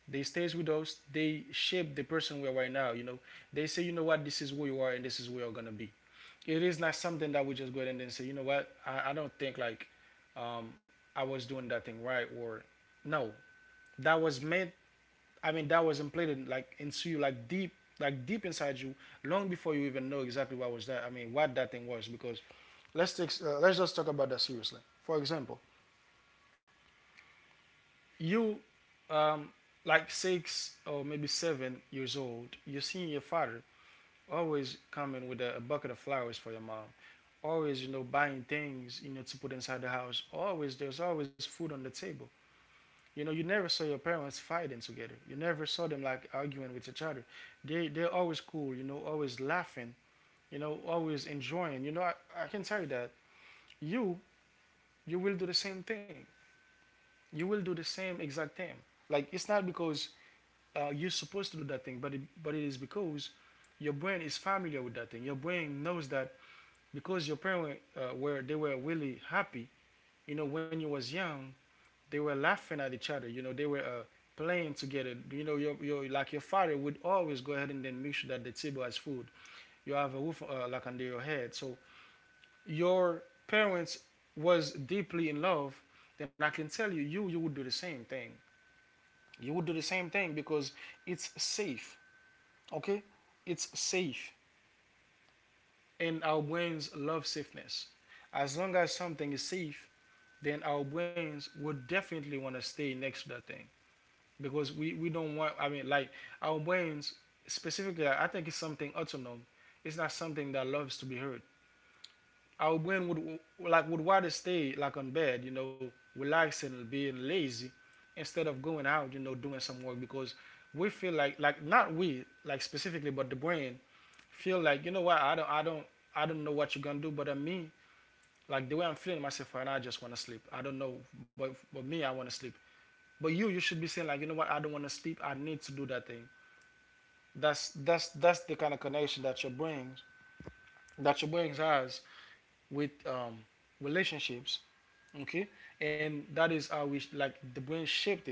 Speaker 1: They stays with us. They shape the person we are right now. You know, they say, you know what, this is who you are, and this is where you're gonna be. It is not something that we just go ahead and then say, you know what, I don't think, like um, I was doing that thing right, or no, that was meant I mean, that was implanted, like, into you, like deep inside you, long before you even know exactly what was that. I mean, what that thing was. Because let's take, let's just talk about that seriously. For example, you, um, like 6 or maybe 7 years old, you're seeing your father always coming with a bucket of flowers for your mom. Always, you know, buying things, you know, to put inside the house. Always, there's always food on the table. You know, you never saw your parents fighting together. You never saw them, like, arguing with each other. They're always cool, you know, always laughing, you know, always enjoying. You know, I can tell you that you you will do the same thing. You will do the same exact thing. Like, it's not because you're supposed to do that thing, but it is because your brain is familiar with that thing. Your brain knows that because your parents were really happy. You know, when you was young, they were laughing at each other. You know, they were playing together. You know, your father would always go ahead and then make sure that the table has food. You have a roof like under your head. So your parents was deeply in love. Then I can tell you, you would do the same thing. You would do the same thing because it's safe. Okay, it's safe, and our brains love safeness. As long as something is safe, then our brains would definitely want to stay next to that thing, because we don't want, I mean, like, our brains specifically, I think it's something autonomous. It's not something that loves to be heard. Our brain would, like, would rather stay, like, on bed, you know, relaxing, being lazy instead of going out, you know, doing some work, because we feel like, not we, like specifically, but the brain feel like, you know what, I don't know what you're gonna do, but me, like, the way I'm feeling myself right now, I just want to sleep. I don't know, but me, I want to sleep. But you should be saying, like, you know what, I don't want to sleep, I need to do that thing. That's the kind of connection that your brain, that your brain has with relationships. Okay, and that is how we, like, the brain shaped it,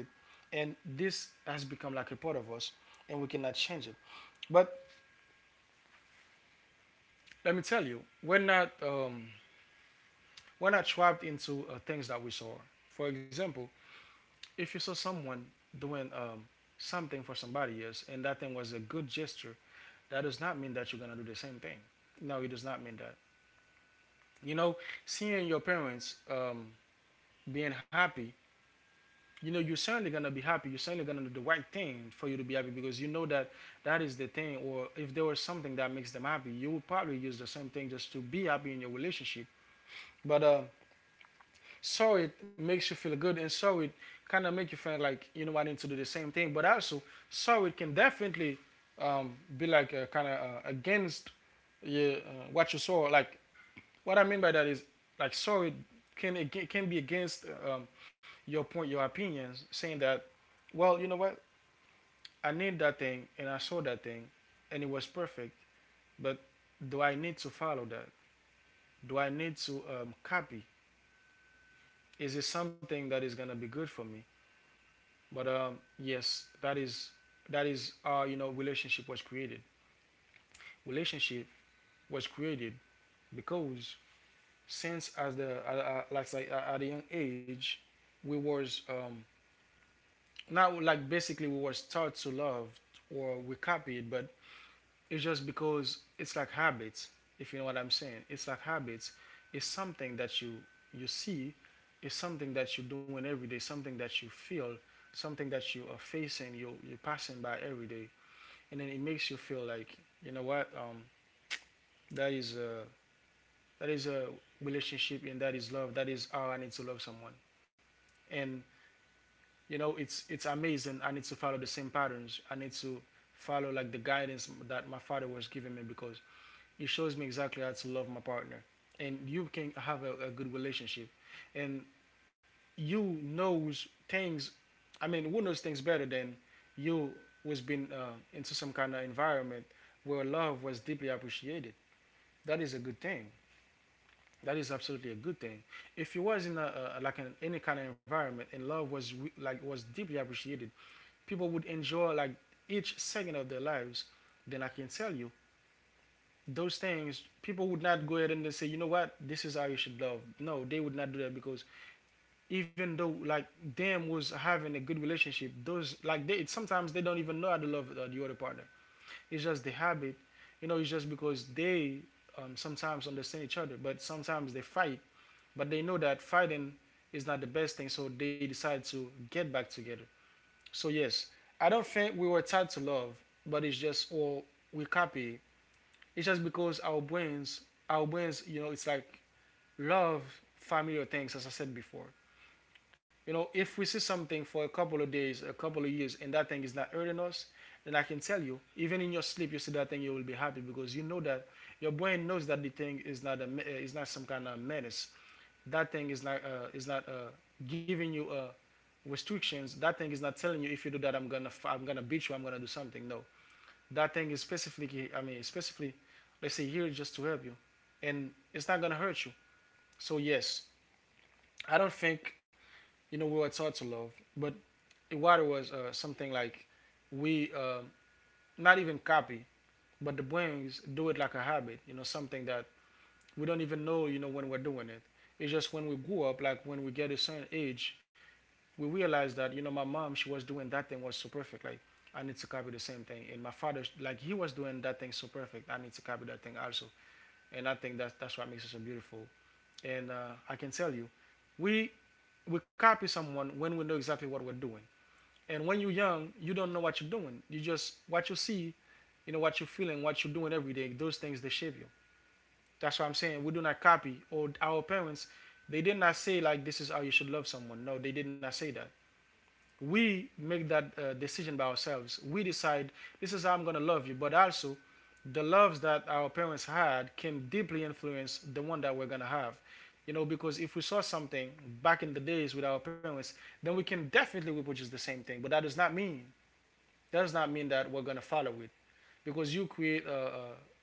Speaker 1: and this has become like a part of us, and we cannot change it. But let me tell you, we're not trapped into things that we saw. For example, if you saw someone doing something for somebody else, and that thing was a good gesture, that does not mean that you're gonna do the same thing. No, it does not mean that. You know, seeing your parents being happy, you know, you're certainly gonna be happy. You're certainly gonna do the right thing for you to be happy because you know that that is the thing. Or if there was something that makes them happy, you would probably use the same thing just to be happy in your relationship. But so it makes you feel good, and so it kind of make you feel like, you know, I need to do the same thing. But also, so it can definitely be like kind of against, yeah, what you saw, like. What I mean by that is, like, sorry, can it can be against your point, your opinions, saying that, well, you know what, I need that thing and I saw that thing and it was perfect, but do I need to follow that? Do I need to copy? Is it something that is gonna be good for me? But yes, that is how, you know, relationship was created. Relationship was created because, since, as the like, say, at a young age, we was, not like, basically, we were taught to love, or we copied, but it's just because it's like habits, if you know what I'm saying. It's like habits. It's something that you see, it's something that you're doing every day, something that you feel, something that you are facing, you're passing by every day, and then it makes you feel like, you know what, that is a relationship, and that is love. That is how I need to love someone. And you know, it's amazing. I need to follow the same patterns. I need to follow, like, the guidance that my father was giving me, because it shows me exactly how to love my partner, and you can have a good relationship. And you knows things, I mean, who knows things better than you, who's been into some kind of environment where love was deeply appreciated? That is a good thing. That is absolutely a good thing. If you was in any kind of environment and love was deeply appreciated, people would enjoy, like, each second of their lives, then I can tell you, those things, people would not go ahead and then say, you know what, this is how you should love. No, they would not do that, because even though, like, them was having a good relationship, those, like, they sometimes they don't even know how to love the other partner. It's just the habit, you know. It's just because they sometimes understand each other, but sometimes they fight, but they know that fighting is not the best thing, so they decide to get back together. So yes, I don't think we were taught to love, but it's just all we copy. It's just because our brains, you know, it's like love familiar things, as I said before. You know, if we see something for a couple of days, a couple of years, and that thing is not hurting us, then I can tell you, even in your sleep, you see that thing, you will be happy because you know that your brain knows that the thing is not some kind of menace. That thing is not giving you restrictions. That thing is not telling you, if you do that, I'm gonna, beat you. I'm gonna do something. No, that thing is specifically, I mean, specifically, let's say, here just to help you, and it's not gonna hurt you. So yes, I don't think, you know, we were taught to love, but Iwata was something like we not even copy, but the brains do it like a habit. You know, something that we don't even know, you know, when we're doing it. It's just when we grew up, like when we get a certain age, we realize that, you know, my mom, she was doing that thing, was so perfect. Like I need to copy the same thing, and my father like he was doing that thing so perfect. I need to copy that thing also, and I think that's what makes it so beautiful. And I can tell you, we we copy someone when we know exactly what we're doing. And when you're young, you don't know what you're doing. You just what you see, you know what you're feeling, what you're doing every day. Those things they shape you. That's what I'm saying. We do not copy. Or our parents, they did not say like this is how you should love someone. No, they did not say that. We make that decision by ourselves. We decide this is how I'm gonna love you. But also, the loves that our parents had can deeply influence the one that we're gonna have. You know, because if we saw something back in the days with our parents, then we can definitely reproduce the same thing. But that does not mean that does not mean that we're gonna follow it, because you create uh, uh,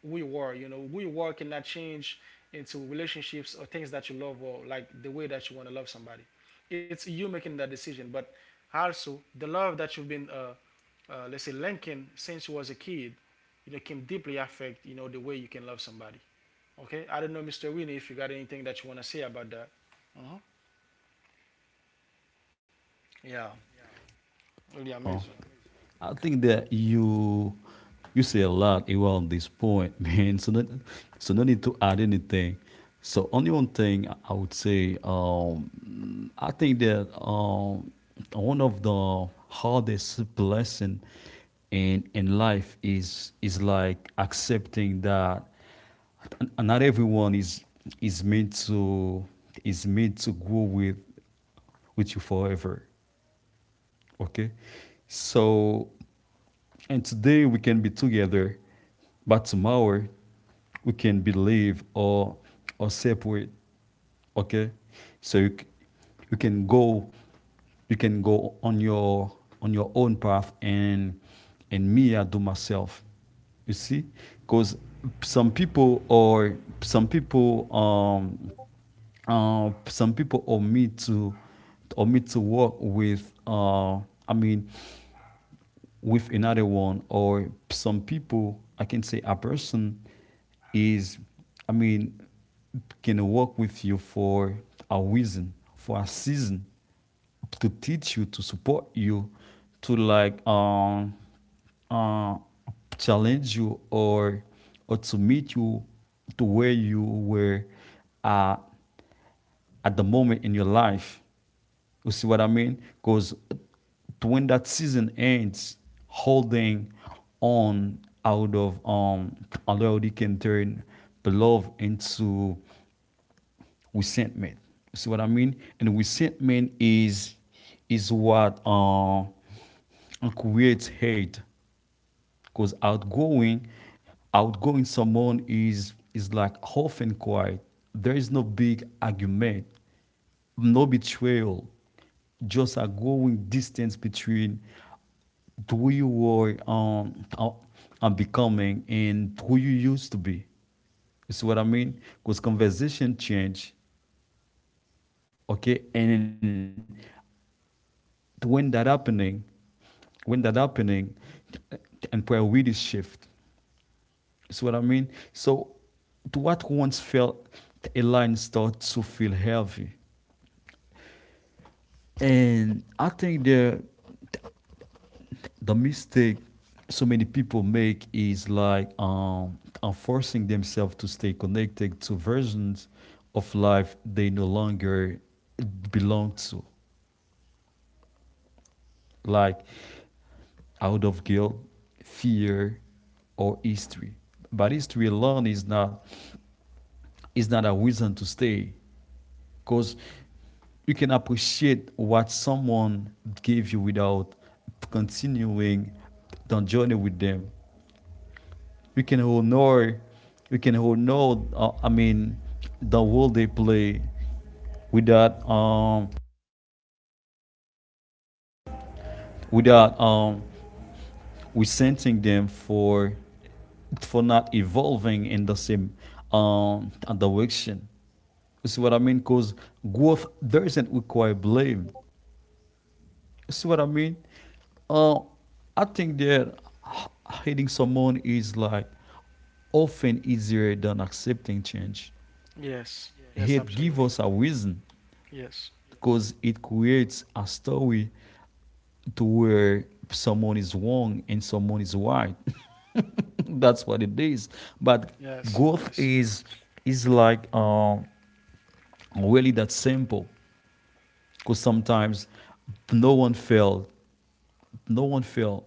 Speaker 1: who you are. You know, who you are cannot change into relationships or things that you love or like the way that you want to love somebody. It's you making that decision. But also, the love that you've been, let's say, linking since you was a kid, you know, can deeply affect you know the way you can love somebody. Okay, I don't know, Mr. Winnie, if you got anything that you want to say about that. hmm Yeah, really
Speaker 2: Oh,
Speaker 1: amazing.
Speaker 2: I think that you say a lot around this point, man. So no need to add anything. So only one thing I would say. I think that one of the hardest blessing in life is like accepting that not everyone is meant to is meant to go with you forever. Okay, so and today we can be together, but tomorrow we can believe or separate. Okay, so you, you can go you can go on your own path and me I do myself. You see, because some people or some people um some people omit to work with I mean with another one, or some people, I can say, a person is, I mean, can work with you for a reason, for a season, to teach you, to support you, to uh challenge you, or to meet you to where you were uh at the moment in your life. You see what I mean? Because when that season ends, holding on out of loyalty can turn the love into resentment. You see what I mean? And resentment is what creates hate because outgoing someone is like often quiet. There is no big argument, no betrayal, just a growing distance between who you were and becoming and who you used to be. You see what I mean? Because conversation change, okay, and when that happening, when that happening, and priorities shift. See what I mean? So, to what once felt a line starts to feel heavy. And I think the mistake so many people make is like forcing themselves to stay connected to versions of life they no longer belong to, like out of guilt, fear, or history. But history alone is not a reason to stay, because you can appreciate what someone gave you without continuing the journey with them. You can honor, you can honor. I mean, the role they play without um without resenting them for not evolving in the same um direction. You see what I mean? Because growth doesn't require blame. You see what I mean? Uh, I think that h- hating someone is like often easier than accepting change.
Speaker 1: Yes, yes,
Speaker 2: Hate gives
Speaker 1: absolutely.
Speaker 2: us a reason
Speaker 1: Yes,
Speaker 2: because it creates a story to where someone is wrong and someone is right. That's what it is. But
Speaker 1: yes,
Speaker 2: growth
Speaker 1: yes.
Speaker 2: is like really that simple, because sometimes no one failed, no one failed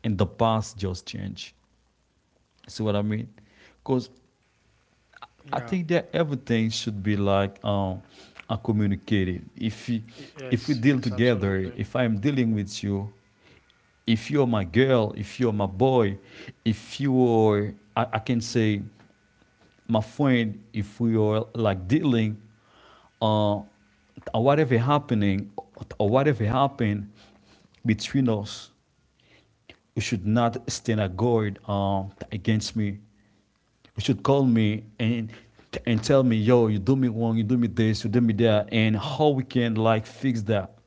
Speaker 2: and the past just change. See what I mean? Because I
Speaker 1: Yeah.
Speaker 2: think that everything should be communicated. If you,
Speaker 1: Yes.
Speaker 2: if we
Speaker 1: Yes.
Speaker 2: deal
Speaker 1: Absolutely.
Speaker 2: together, if I'm dealing with you, if you're my girl, if you're my boy, if you are, I can say, my friend, if we are like dealing, uh, whatever happening, or whatever happened between us, you should not stand a guard against me. You should call me and tell me, yo, you do me wrong, you do me this, you do me that, and how we can like fix that,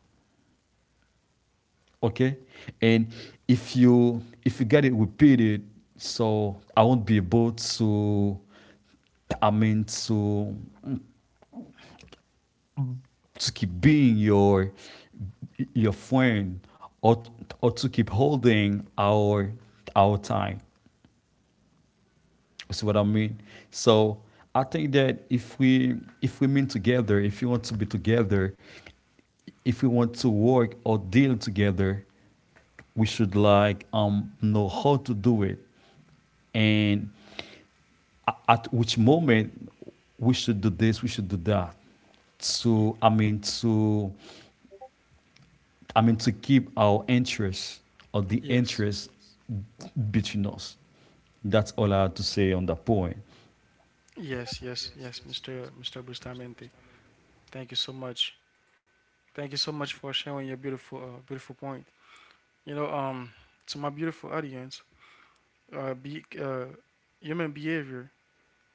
Speaker 2: okay? And if you get it repeated, so I won't be able to, I mean, to keep being your friend or or to keep holding our time. You see what I mean? So I think that if we mean together, if you want to be together, if we want to work or deal together, we should know how to do it, and at which moment we should do this, we should do that. To I mean to I mean to keep our interest or the
Speaker 1: Yes.
Speaker 2: interest between us. That's all I have to say on that point.
Speaker 1: Yes. Yes. Yes. Mr. Bustamante. Thank you so much. Thank you so much for sharing your beautiful point. You know, to my beautiful audience, uh, be, uh, human behavior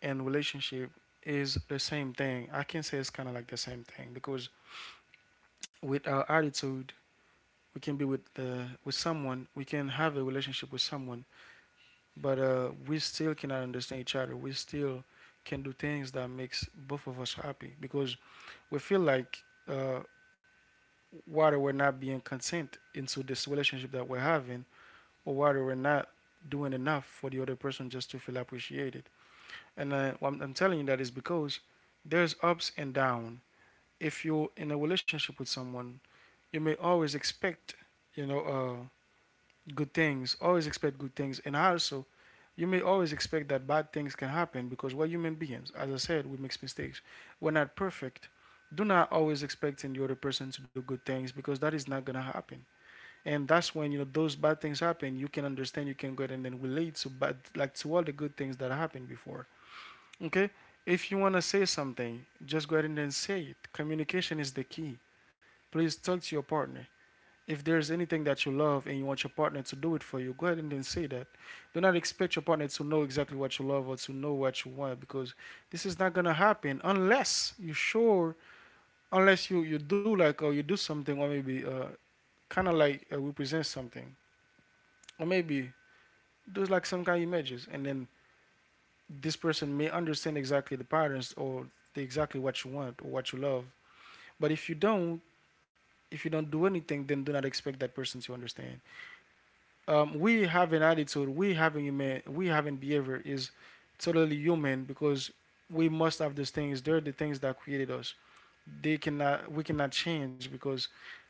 Speaker 1: and relationship is the same thing. I can say it's kind of like the same thing because with our attitude, we can be with the with someone. We can have a relationship with someone, but we still cannot understand each other. We still can do things that makes both of us happy because we feel like whether we're not being content into this relationship that we're having, or whether we're not doing enough for the other person just to feel appreciated. And I'm telling you that is because there's ups and down. If you're in a relationship with someone, you may always expect, you know, uh, good things. Always expect good things. And also, you may always expect that bad things can happen because we're human beings. As I said, we make mistakes. We're not perfect. Do not always expecting the other person to do good things because that is not gonna happen. And that's when you know those bad things happen. You can understand. You can go ahead and then relate to bad, like to all the good things that happened before. Okay. If you wanna say something, just go ahead and then say it. Communication is the key. Please talk to your partner. If there's anything that you love and you want your partner to do it for you, go ahead and then say that. Do not expect your partner to know exactly what you love or to know what you want because this is not gonna happen unless you sure, unless you do like or you do something or maybe kind of like represent something or maybe do like some kind of images and then this person may understand exactly the patterns or the, exactly what you want or what you love. But if you don't do anything, then do not expect that person to understand. Um, we have an attitude, we have a human, we have an behavior is totally human because we must have those things. They're the things that created us. They cannot, we cannot change because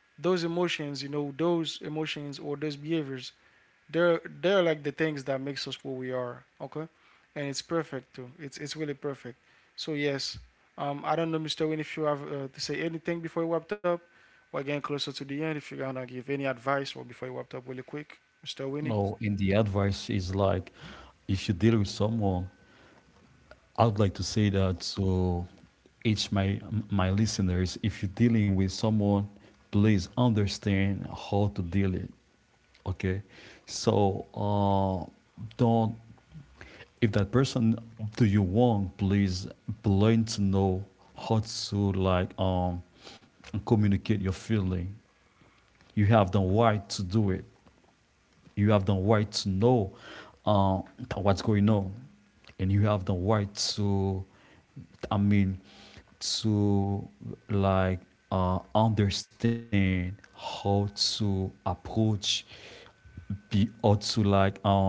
Speaker 1: those emotions, you know, those emotions or those behaviors, they're like the things that makes us what we are. Okay, and it's perfect too. It's really perfect. So yes, I don't know, Mr. Win, if you have to say anything before you wrapped up. We're getting closer to the end. If you're gonna give any advice or before you wrapped up, really quick, Mr. Winnie.
Speaker 2: No, and the advice is like, if you deal with someone, I would like to say that to each my my listeners, if you're dealing with someone, please understand how to deal it. Okay, so don't, if that person do you want, please learn to know how to communicate your feeling. You have the right to do it, you have the right to know uh, what's going on, and you have the right to, I mean, to like understand how to approach, be or to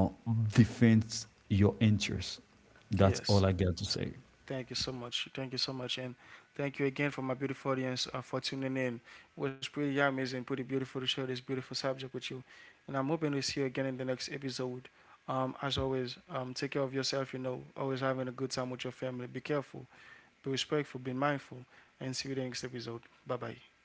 Speaker 2: defend your interests. That's all
Speaker 1: Yes.
Speaker 2: I got to say.
Speaker 1: Thank you so much. Thank you so much. And thank you again for my beautiful audience, for tuning in. It was pretty amazing, pretty beautiful to share this beautiful subject with you. And I'm hoping to see you again in the next episode. As always, take care of yourself, you know, always having a good time with your family. Be careful, be respectful, be mindful, and see you in the next episode. Bye bye.